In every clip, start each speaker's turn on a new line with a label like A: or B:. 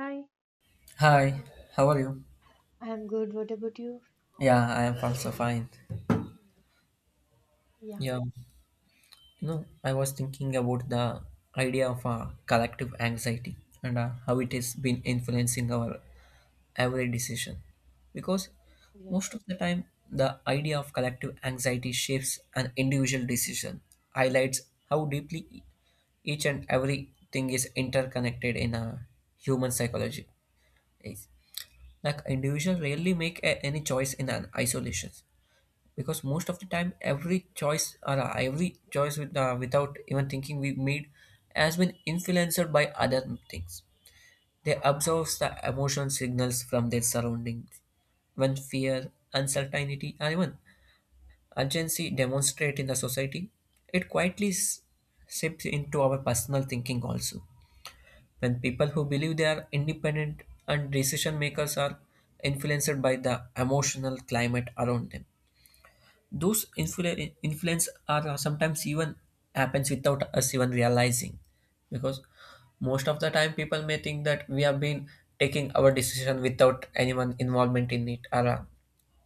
A: Hi,
B: Hi, how are you?
A: I'm good. What about you?
B: Yeah, I am also fine.
A: Yeah,
B: Yeah, you know, I was thinking about the idea of collective anxiety and how it has been influencing our every decision. Because
A: yes.
B: most of the time, the idea of collective anxiety shapes an individual decision, highlights how deeply each and everything is interconnected in a human psychology. Is like individual rarely make a, any choice in an isolation because most of the time every choice or every choice with, without even thinking we made has been influenced by other things. They observe the emotional signals from their surroundings. When fear, uncertainty, or even urgency demonstrate in the society, it quietly seeps into our personal thinking also. When people who believe they are independent and decision makers are influenced by the emotional climate around them, those influence are sometimes even happens without us even realizing, because most of the time people may think that we have been taking our decision without anyone involvement in it or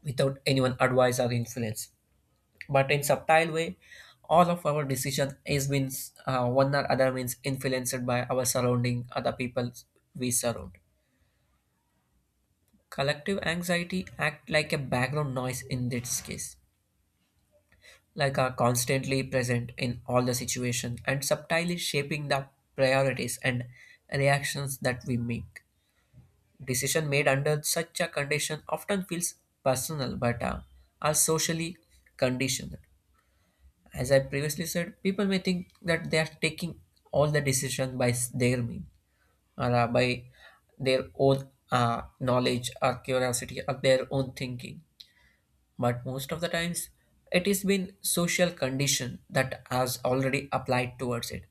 B: without anyone advice or influence. But in subtle way, all of our decision is been one or other means influenced by our surrounding, other people we surround. Collective anxiety act like a background noise in this case, like are constantly present in all the situations and subtly shaping the priorities and reactions that we make. Decision made under such a condition often feels personal but are socially conditioned. As I previously said, people may think that they are taking all the decision by their mean or by their own knowledge or curiosity or their own thinking, but most of the times it has been social condition that has already applied towards it.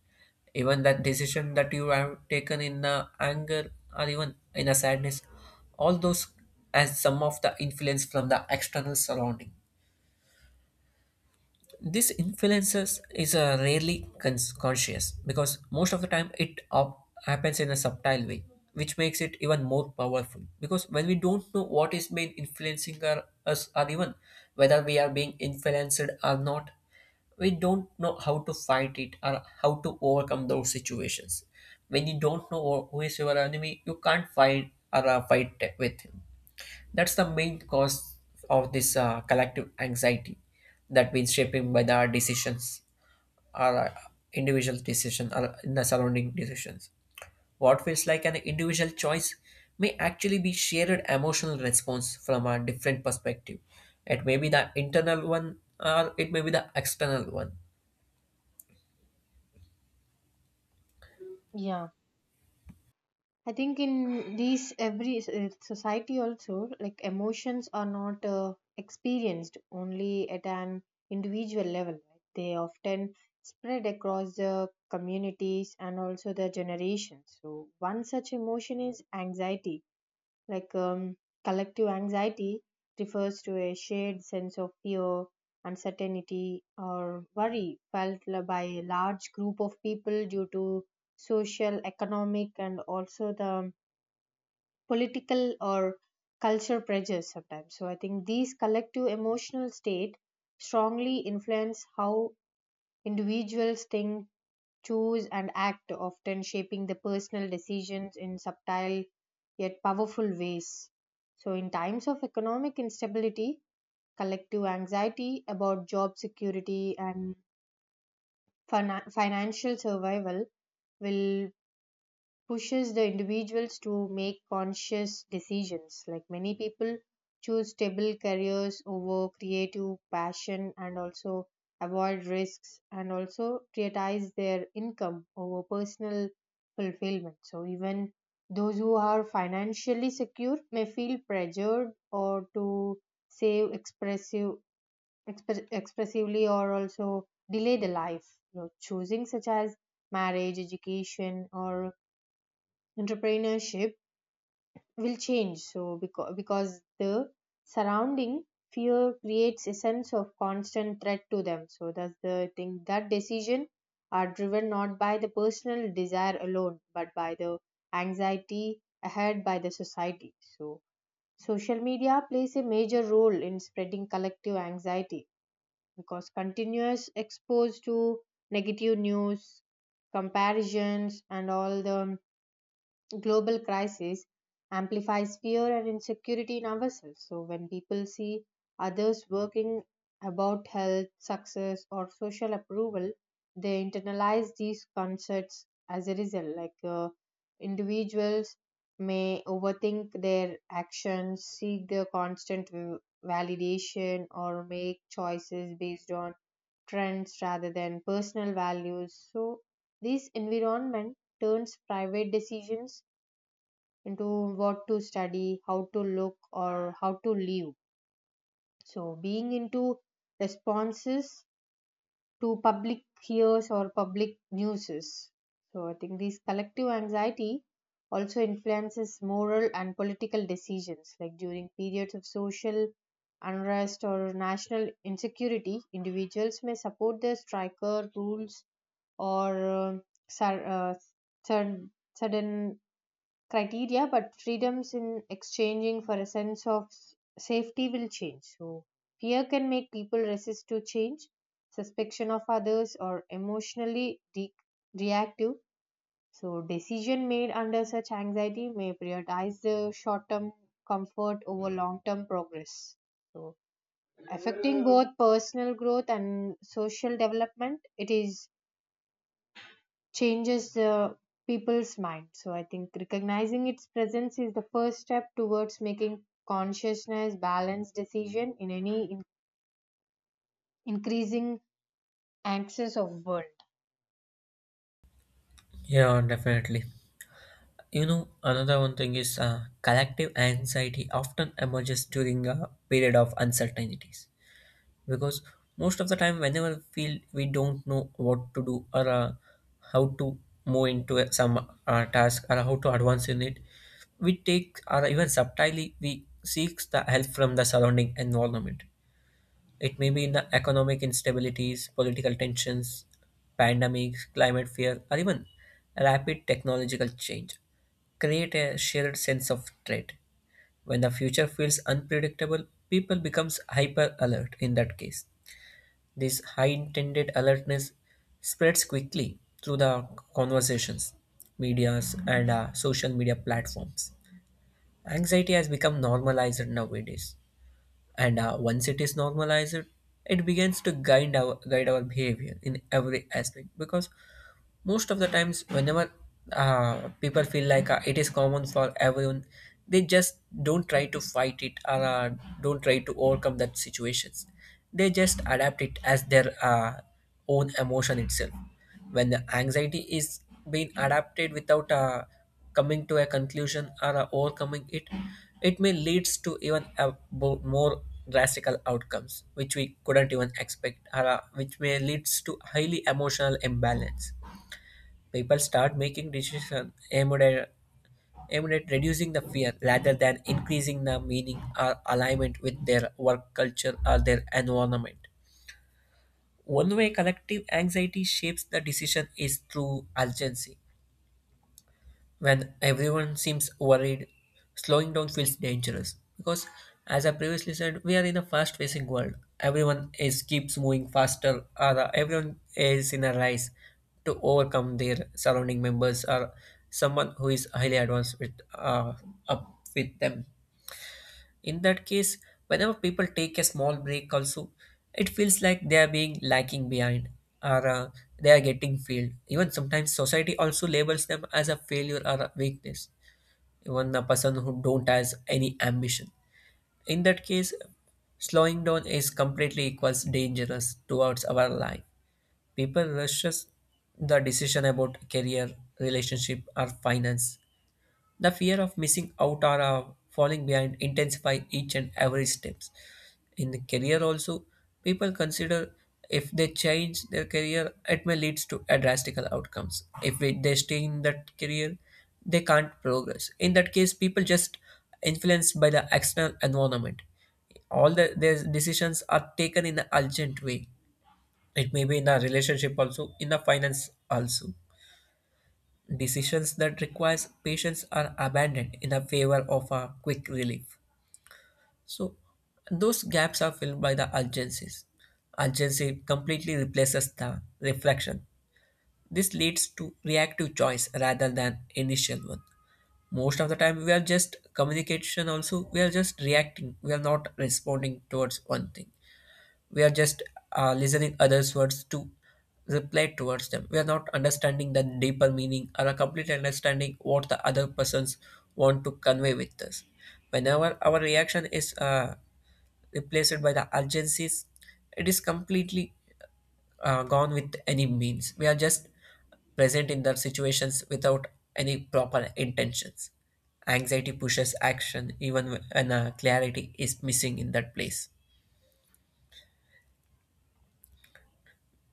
B: Even that decision that you have taken in anger or even in a sadness, all those as some of the influence from the external surrounding. This influences is rarely conscious because most of the time it happens in a subtle way, which makes it even more powerful, because when we don't know what is being influencing our, us, or even whether we are being influenced or not, we don't know how to fight it or how to overcome those situations. When you don't know who is your enemy, you can't fight or fight with him. That's the main cause of this collective anxiety that means shaping by the decisions or individual decision or in the surrounding decisions. What feels like an individual choice may actually be shared emotional response from a different perspective. It may be the internal one or it may be the external one.
A: Yeah. I think in these every society also, like emotions are not experienced only at an individual level. Right? They often spread across the communities and also the generations. So one such emotion is anxiety. Like collective anxiety refers to a shared sense of fear, uncertainty, or worry felt by a large group of people due to social, economic, and also the political or culture pressures sometimes. So I think these collective emotional state strongly influence how individuals think, choose, and act, often shaping the personal decisions in subtle yet powerful ways. So, in times of economic instability, collective anxiety about job security and financial survival will pushes the individuals to make conscious decisions. Like many people choose stable careers over creative passion, and also avoid risks, and also prioritize their income over personal fulfillment. So even those who are financially secure may feel pressured or to save expressive, expressively, or also delay the life. You know, choosing such as marriage, education, or entrepreneurship will change, so because the surrounding fear creates a sense of constant threat to them, so that's the thing that decision are driven not by the personal desire alone, but by the anxiety ahead by the society. So social media plays a major role in spreading collective anxiety because continuous exposed to negative news, comparisons, and all the global crisis amplifies fear and insecurity in ourselves. So, when people see others working about health, success, or social approval, they internalize these concepts as a result. Like individuals may overthink their actions, seek their constant validation, or make choices based on trends rather than personal values. So, this environment turns private decisions into what to study, how to look, or how to live. So, being into responses to public hears or public newses. So, I think this collective anxiety also influences moral and political decisions, like during periods of social unrest or national insecurity, individuals may support their striker rules or sur- uh, sud- sudden criteria, but freedoms in exchanging for a sense of safety will change. So, fear can make people resist to change, suspicion of others, or emotionally reactive. So, decision made under such anxiety may prioritize the short term comfort over long term progress. So, affecting both personal growth and social development, it is changes the people's mind. So I think recognizing its presence is the first step towards making consciousness balanced decision in any increasing anxious of world.
B: Yeah, definitely. You know, another one thing is collective anxiety often emerges during a period of uncertainties, because most of the time whenever we feel we don't know what to do or how to move into some task or how to advance in it, we take or even subtly we seek the help from the surrounding environment. It may be in the economic instabilities, political tensions, pandemics, climate fear, or even rapid technological change create a shared sense of threat. When the future feels unpredictable, people becomes hyper alert. In that case, this high-intended alertness spreads quickly through the conversations, medias, and social media platforms. Anxiety has become normalized nowadays, and once it is normalized, it begins to guide our behavior in every aspect, because most of the times whenever people feel like it is common for everyone, they just don't try to fight it or don't try to overcome that situations. They just adapt it as their own emotion itself. When the anxiety is being adapted without coming to a conclusion or overcoming it, it may leads to even a more drastical outcomes which we couldn't even expect or which may leads to highly emotional imbalance. People start making decisions aimed at reducing the fear rather than increasing the meaning or alignment with their work culture or their environment. One way collective anxiety shapes the decision is through urgency. When everyone seems worried, slowing down feels dangerous because, as I previously said, we are in a fast-paced world. Everyone is keeps moving faster, or everyone is in a race to overcome their surrounding members or someone who is highly advanced with up with them. In that case, whenever people take a small break, also, it feels like they are being lacking behind or they are getting failed. Even sometimes society also labels them as a failure or a weakness, even the person who don't has any ambition. In that case, slowing down is completely equals dangerous towards our life. People rushes the decision about career, relationship, or finance. The fear of missing out or falling behind intensify each and every steps in the career also. People consider if they change their career it may leads to a drastical outcomes. If they stay in that career, they can't progress. In that case, people just influenced by the external environment. All the their decisions are taken in an urgent way. It may be in a relationship also, in the finance also. Decisions that requires patience are abandoned in a favor of a quick relief, so those gaps are filled by the urgencies. Urgency completely replaces the reflection. This leads to reactive choice rather than initial one. Most of the time we are just communication, also we are just reacting. We are not responding towards one thing. We are just listening others words to reply towards them. We are not understanding the deeper meaning or a complete understanding what the other persons want to convey with us. Whenever our reaction is replaced by the urgencies, it is completely gone with any means. We are just present in the situations without any proper intentions. Anxiety pushes action even when clarity is missing in that place.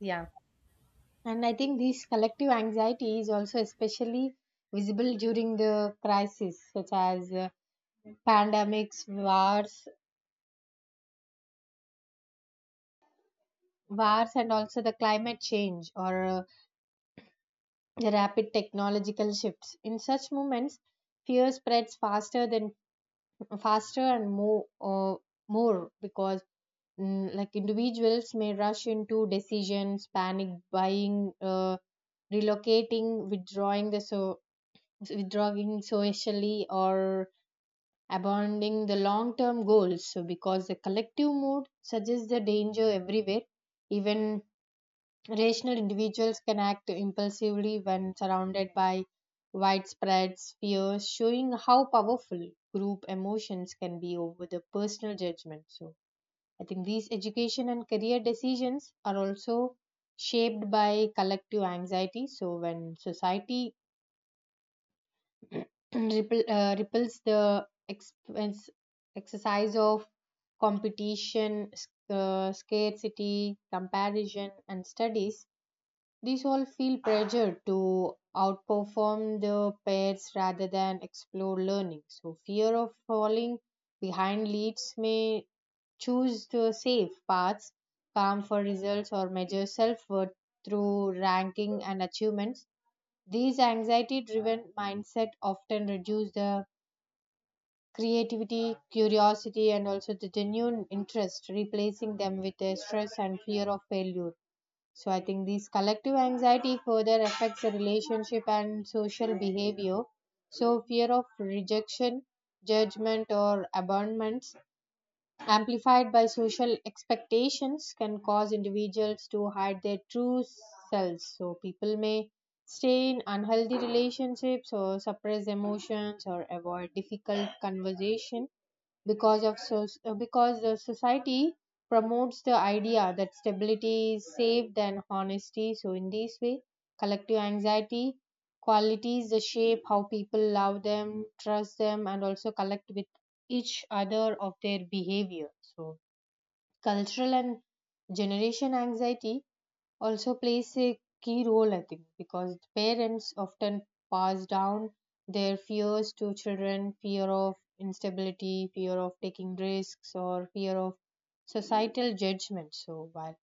A: Yeah. And I think this collective anxiety is also especially visible during the crisis such as pandemics, wars and also the climate change, or the rapid technological shifts. In such moments, fear spreads faster and more because like individuals may rush into decisions, panic buying, relocating, withdrawing socially, or abandoning the long term goals, so because the collective mood suggests the danger everywhere. Even rational individuals can act impulsively when surrounded by widespread fears, showing how powerful group emotions can be over the personal judgment. So, I think these education and career decisions are also shaped by collective anxiety. So, when society repels the expense, exercise of competition, scarcity, comparison, and studies, these all feel pressured to outperform the peers rather than explore learning. So, fear of falling behind leads may choose the safe paths, calm for results, or measure self worth through ranking and achievements. These anxiety driven mindset often reduce the creativity, curiosity, and also the genuine interest, replacing them with a stress and fear of failure. So I think this collective anxiety further affects the relationship and social behavior. So fear of rejection, judgment, or abandonment, amplified by social expectations, can cause individuals to hide their true selves. So people may stay in unhealthy relationships, or suppress emotions, or avoid difficult conversation, because of so because the society promotes the idea that stability is safe than honesty. So in this way, collective anxiety qualities that shape how people love them, trust them, and also collect with each other of their behavior. So cultural and generation anxiety also plays a key role, I think, because parents often pass down their fears to children: fear of instability, fear of taking risks, or fear of societal judgment. So, while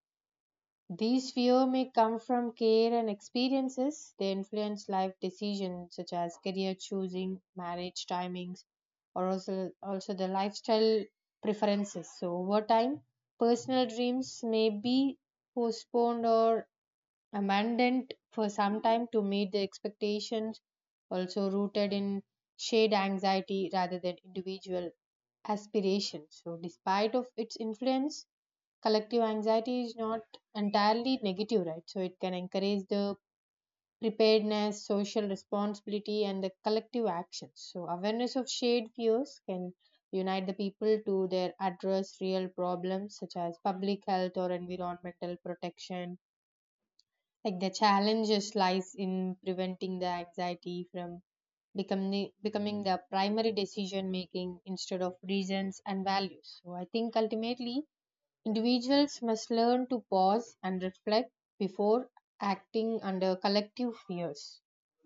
A: these fear may come from care and experiences, they influence life decisions such as career choosing, marriage timings, or also the lifestyle preferences. So, over time, personal dreams may be postponed or abandoned for some time to meet the expectations, also rooted in shared anxiety rather than individual aspiration. So, despite of its influence, collective anxiety is not entirely negative, right? So, it can encourage the preparedness, social responsibility, and the collective actions. So, awareness of shared fears can unite the people to their address real problems such as public health or environmental protection, like the challenges lies in preventing the anxiety from becoming the primary decision making instead of reasons and values. So I think ultimately individuals must learn to pause and reflect before acting under collective fears.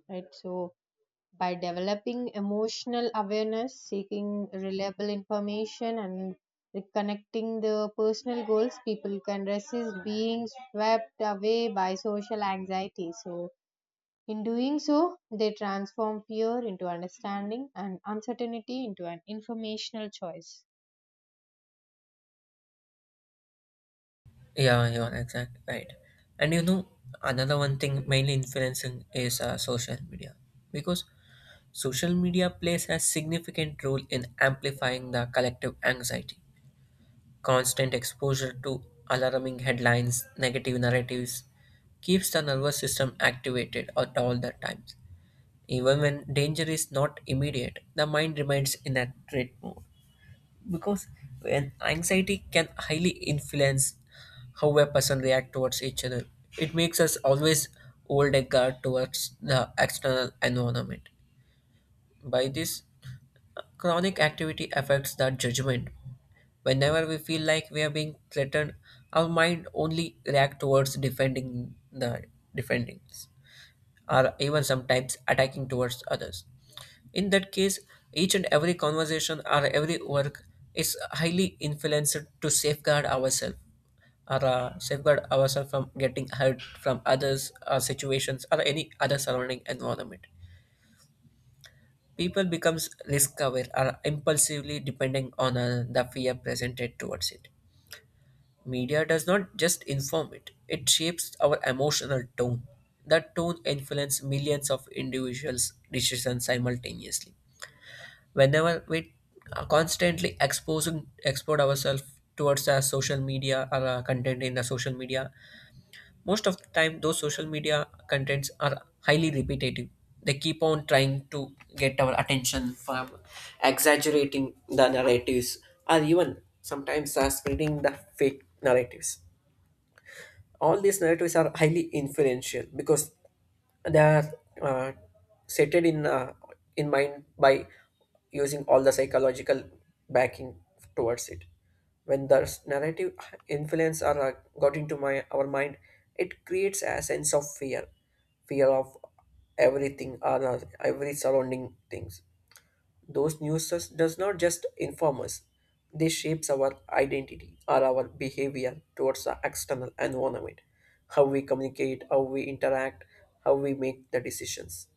A: Right. So by developing emotional awareness, seeking reliable information, and reconnecting the personal goals, people can resist being swept away by social anxiety. So, in doing so, they transform fear into understanding and uncertainty into an informational choice.
B: Yeah, you're exact right. And you know, another one thing mainly influencing is social media, because social media plays a significant role in amplifying the collective anxiety. Constant exposure to alarming headlines, negative narratives keeps the nervous system activated at all the times. Even when danger is not immediate, the mind remains in a threat mode, because when anxiety can highly influence how a person react towards each other, it makes us always hold a guard towards the external environment. By this chronic activity affects that judgment. Whenever we feel like we are being threatened, our mind only react towards defending or even sometimes attacking towards others. In that case, each and every conversation or every work is highly influenced to safeguard ourselves or safeguard ourselves from getting hurt from others or situations or any other surrounding environment. People becomes risk aware or impulsively depending on the fear presented towards it. Media does not just inform it, it shapes our emotional tone. That tone influences millions of individuals' decisions simultaneously. Whenever we are constantly exposing expose ourselves towards our social media or our content in the social media, most of the time those social media contents are highly repetitive. They keep on trying to get our attention from exaggerating the narratives or even sometimes spreading the fake narratives. All these narratives are highly influential because they are uh, set in mind by using all the psychological backing towards it. When the narrative influence are got into my our mind, it creates a sense of fear, fear of everything or every surrounding things. Those news does not just inform us, they shapes our identity or our behavior towards the external environment, how we communicate, how we interact, how we make the decisions.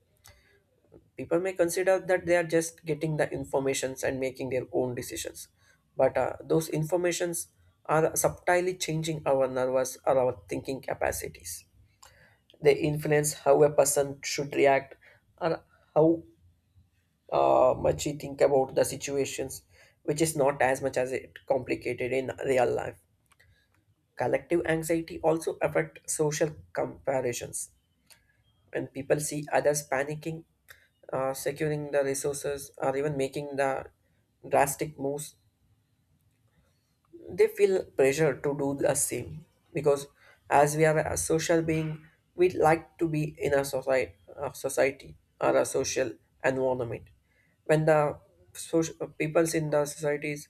B: People may consider that they are just getting the informations and making their own decisions, but those informations are subtly changing our nervous or our thinking capacities. They influence how a person should react or how much we think about the situations, which is not as much as it complicated in real life. Collective anxiety also affect social comparisons. When people see others panicking, securing the resources, or even making the drastic moves, they feel pressure to do the same, because as we are a social being, we like to be in a society, a society, or a social environment. When the social peoples in the societies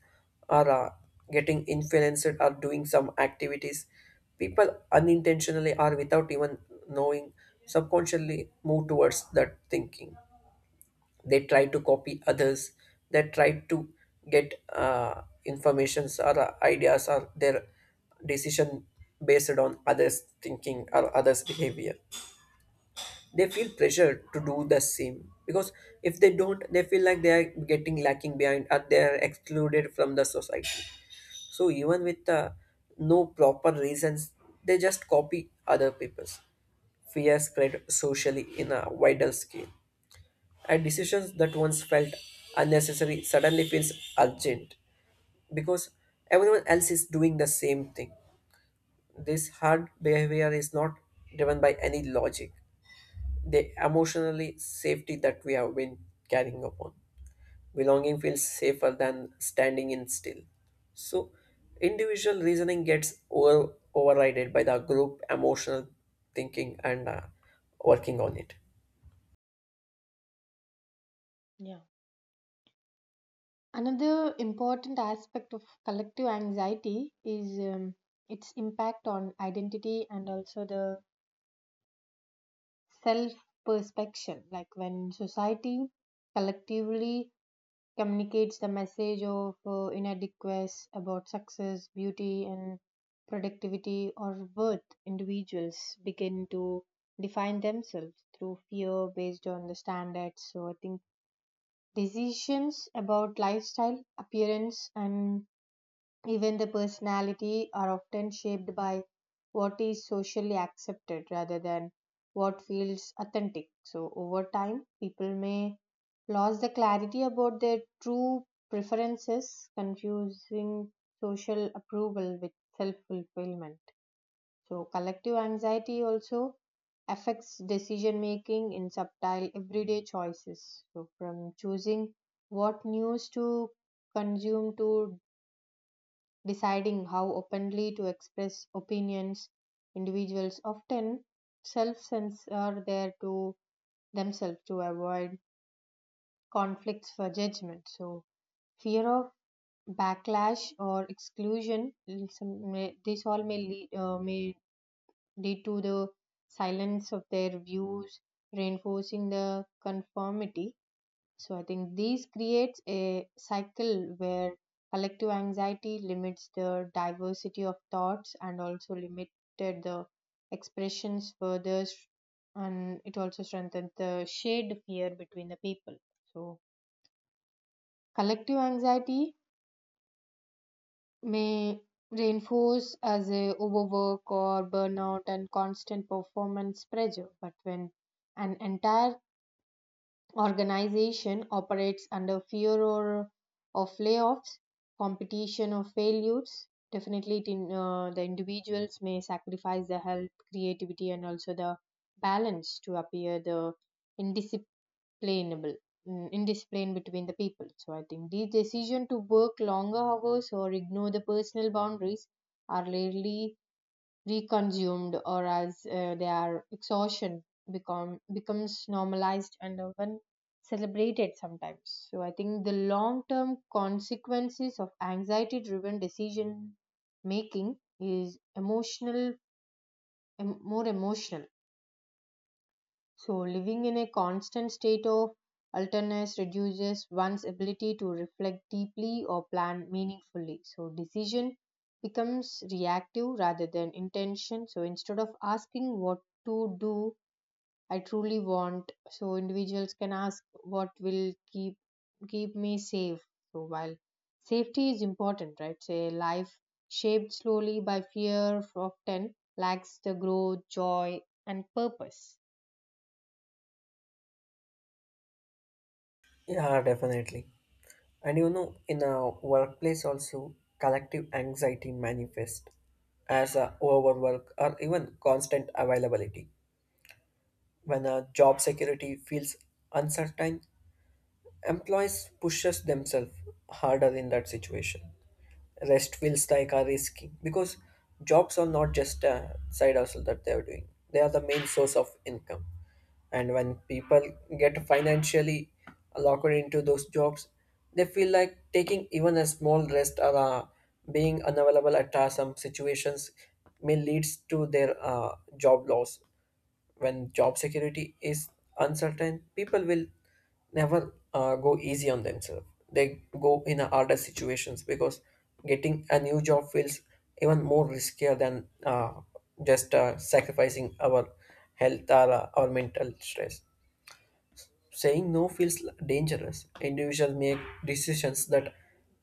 B: are getting influenced or doing some activities, people unintentionally or without even knowing subconsciously move towards that thinking. They try to copy others, they try to get informations or ideas or their decision based on others thinking or others behavior. They feel pressure to do the same, because if they don't, they feel like they are getting lacking behind or they are excluded from the society. So even with no proper reasons, they just copy other people's fear spread socially in a wider scale, and decisions that once felt unnecessary suddenly feels urgent because everyone else is doing the same thing. This hard behavior is not driven by any logic. The emotionally safety that we have been carrying upon. Belonging feels safer than standing in still. So individual reasoning gets overrided by the group emotional thinking and working on it.
A: Yeah. Another important aspect of collective anxiety is its impact on identity and also the self perspection, like when society collectively communicates the message of inadequacy about success, beauty, and productivity, or worth, individuals begin to define themselves through fear based on the standards. So I think decisions about lifestyle, appearance, and even the personality are often shaped by what is socially accepted rather than what feels authentic. So over time, people may lose the clarity about their true preferences, confusing social approval with self-fulfillment. So collective anxiety also affects decision making in subtle everyday choices. So from choosing what news to consume to deciding how openly to express opinions. Individuals often self censor their to themselves to avoid conflicts for judgment. So fear of backlash or exclusion. This all may may lead to the silence of their views, reinforcing the conformity. So I think these creates a cycle where collective anxiety limits the diversity of thoughts, and also limited the expressions further, and it also strengthens the shared fear between the people. So collective anxiety may reinforce as a overwork or burnout and constant performance pressure, but when an entire organization operates under fear or of layoffs, competition, or failures. Definitely, the individuals may sacrifice their health, creativity, and also the balance to appear the indisciplinable, indiscipline between the people. So, I think the decision to work longer hours or ignore the personal boundaries are rarely reconsumed or as their exhaustion becomes normalized and even celebrated sometimes. So I think the long term consequences of anxiety driven decision making is emotional, more emotional. So, living in a constant state of alertness reduces one's ability to reflect deeply or plan meaningfully. So, decision becomes reactive rather than intention. So, instead of asking what to do, I truly want. So, individuals can ask what will keep me safe. So, while safety is important, right? Say, life shaped slowly by fear often lacks the growth, joy, and purpose.
B: Yeah, definitely. And you know, in a workplace also, collective anxiety manifests as a overwork or even constant availability. When a job security feels uncertain, employees pushes themselves harder in that situation. Rest feels like a risky, because jobs are not just a side hustle that they are doing; they are the main source of income, and when people get financially locked into those jobs, they feel like taking even a small rest or being unavailable at some situations may leads to their job loss. When job security is uncertain, people will never go easy on themselves. They go in a harder situations, because getting a new job feels even more riskier than just sacrificing our health or our mental stress. Saying no feels dangerous. Individuals make decisions that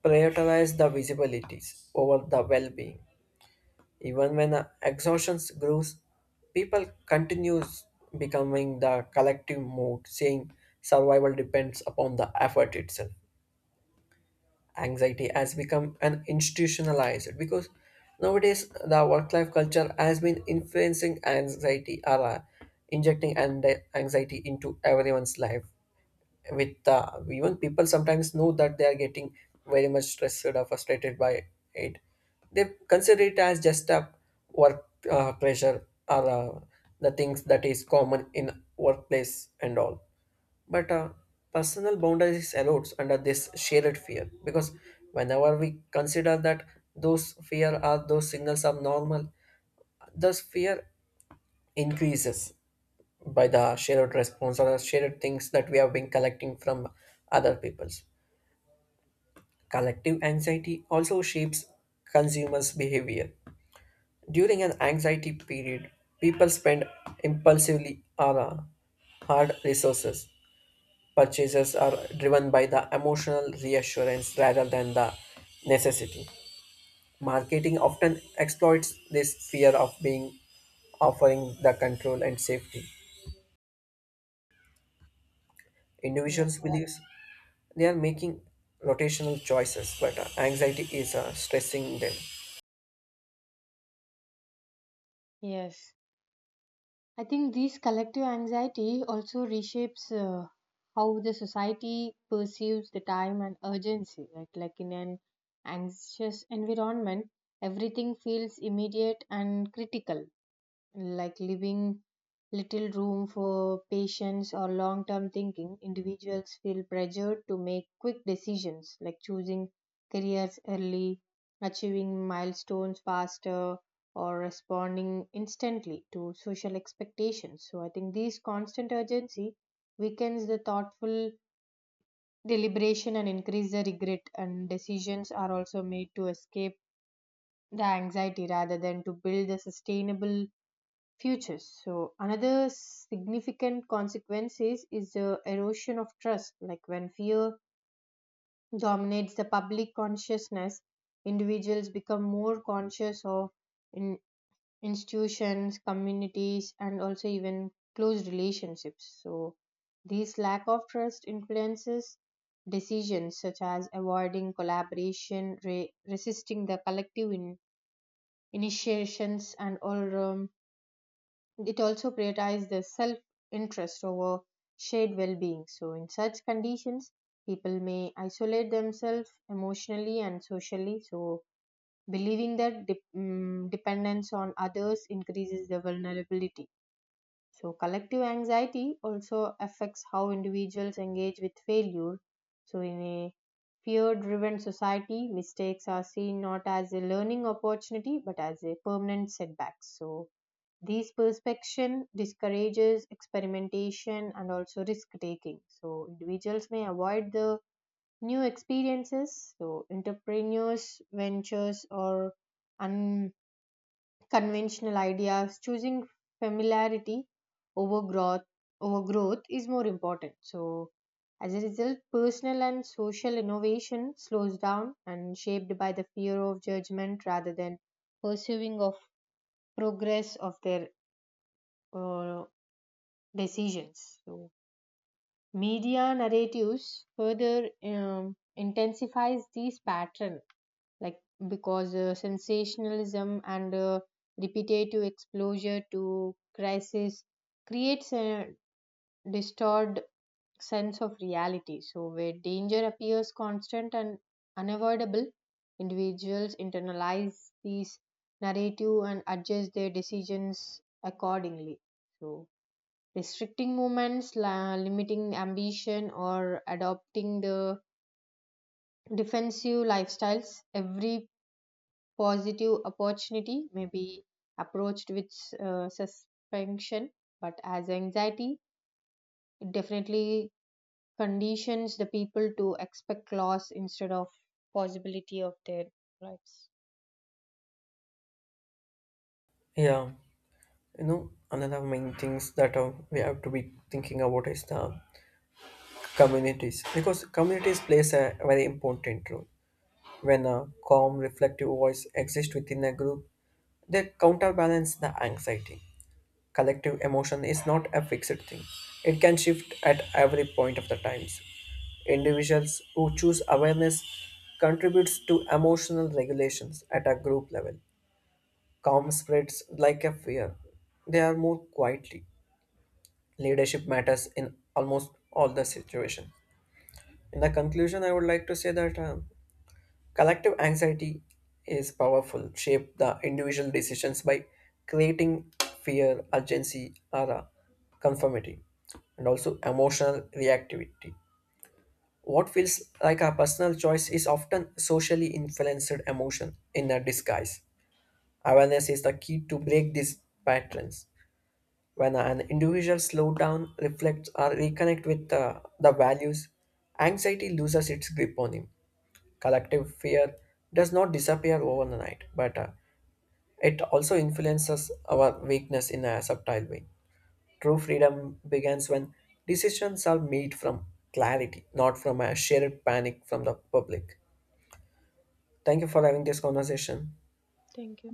B: prioritize the visibilities over the well-being. Even when exhaustion grows, people continues becoming the collective mode, saying survival depends upon the effort itself. Anxiety has become an institutionalized, because nowadays the work-life culture has been influencing anxiety or injecting and anxiety into everyone's life. With even people sometimes know that they are getting very much stressed or frustrated by it, they consider it as just a work pressure or uh, the things that is common in workplace and all. But personal boundaries erodes under this shared fear, because whenever we consider that those fear are those signals are normal, thus fear increases by the shared response or the shared things that we have been collecting from other peoples. Collective anxiety also shapes consumers' behavior. During an anxiety period, people spend impulsively on hard resources. Purchases are driven by the emotional reassurance rather than the necessity. Marketing often exploits this fear of being offering the control and safety.
A: Yeah.
B: Individuals believe they are making rotational choices, but anxiety is stressing them.
A: Yes, I think this collective anxiety also reshapes how the society perceives the time and urgency. Right? Like in an anxious environment, everything feels immediate and critical, like leaving little room for patience or long term thinking. Individuals feel pressured to make quick decisions, like choosing careers early, achieving milestones faster, or responding instantly to social expectations. So, I think this constant urgency weakens the thoughtful deliberation and increase the regret, and decisions are also made to escape the anxiety rather than to build a sustainable futures. So another significant consequence is the erosion of trust. Like when fear dominates the public consciousness, individuals become more conscious of in institutions, communities, and also even close relationships. So this lack of trust influences decisions such as avoiding collaboration, resisting the collective initiations, and all. It also prioritizes their self interest over shared well being. So, in such conditions, people may isolate themselves emotionally and socially. So, believing that dependence on others increases their vulnerability. So, collective anxiety also affects how individuals engage with failure. So, in a fear driven society, mistakes are seen not as a learning opportunity but as a permanent setback. So, these perspection discourages experimentation and also risk taking. So individuals may avoid the new experiences. So entrepreneurs, ventures, or unconventional ideas, choosing familiarity over growth, overgrowth is more important. So as a result, personal and social innovation slows down and shaped by the fear of judgment rather than pursuing of progress of their uh, decisions. So media narratives further intensifies these pattern, like because sensationalism and repetitive exposure to crisis creates a distorted sense of reality. So where danger appears constant and unavoidable, individuals internalize these narrative and adjust their decisions accordingly. So restricting movements, limiting ambition, or adopting the defensive lifestyles. Every positive opportunity may be approached with suspension, but as anxiety, it definitely conditions the people to expect loss instead of possibility of their lives.
B: Yeah. You know, another main things that we have to be thinking about is the communities, because communities plays a very important role. When a calm reflective voice exists within a group, they counterbalance the anxiety. Collective emotion is not a fixed thing, it can shift at every point of the times. Individuals who choose awareness contributes to emotional regulations at a group level. Calm spreads like a fear, they are more quietly. Leadership matters in almost all the situation. In the conclusion, I would like to say that collective anxiety is powerful, shape the individual decisions by creating fear, urgency, or conformity, and also emotional reactivity. What feels like a personal choice is often socially influenced emotion in a disguise. Awareness is the key to break these patterns. When an individual slows down, reflects, or reconnects with the values, anxiety loses its grip on him. Collective fear does not disappear overnight, but it also influences our weakness in a subtle way. True freedom begins when decisions are made from clarity, not from a shared panic from the public. Thank you for having this conversation.
A: Thank you.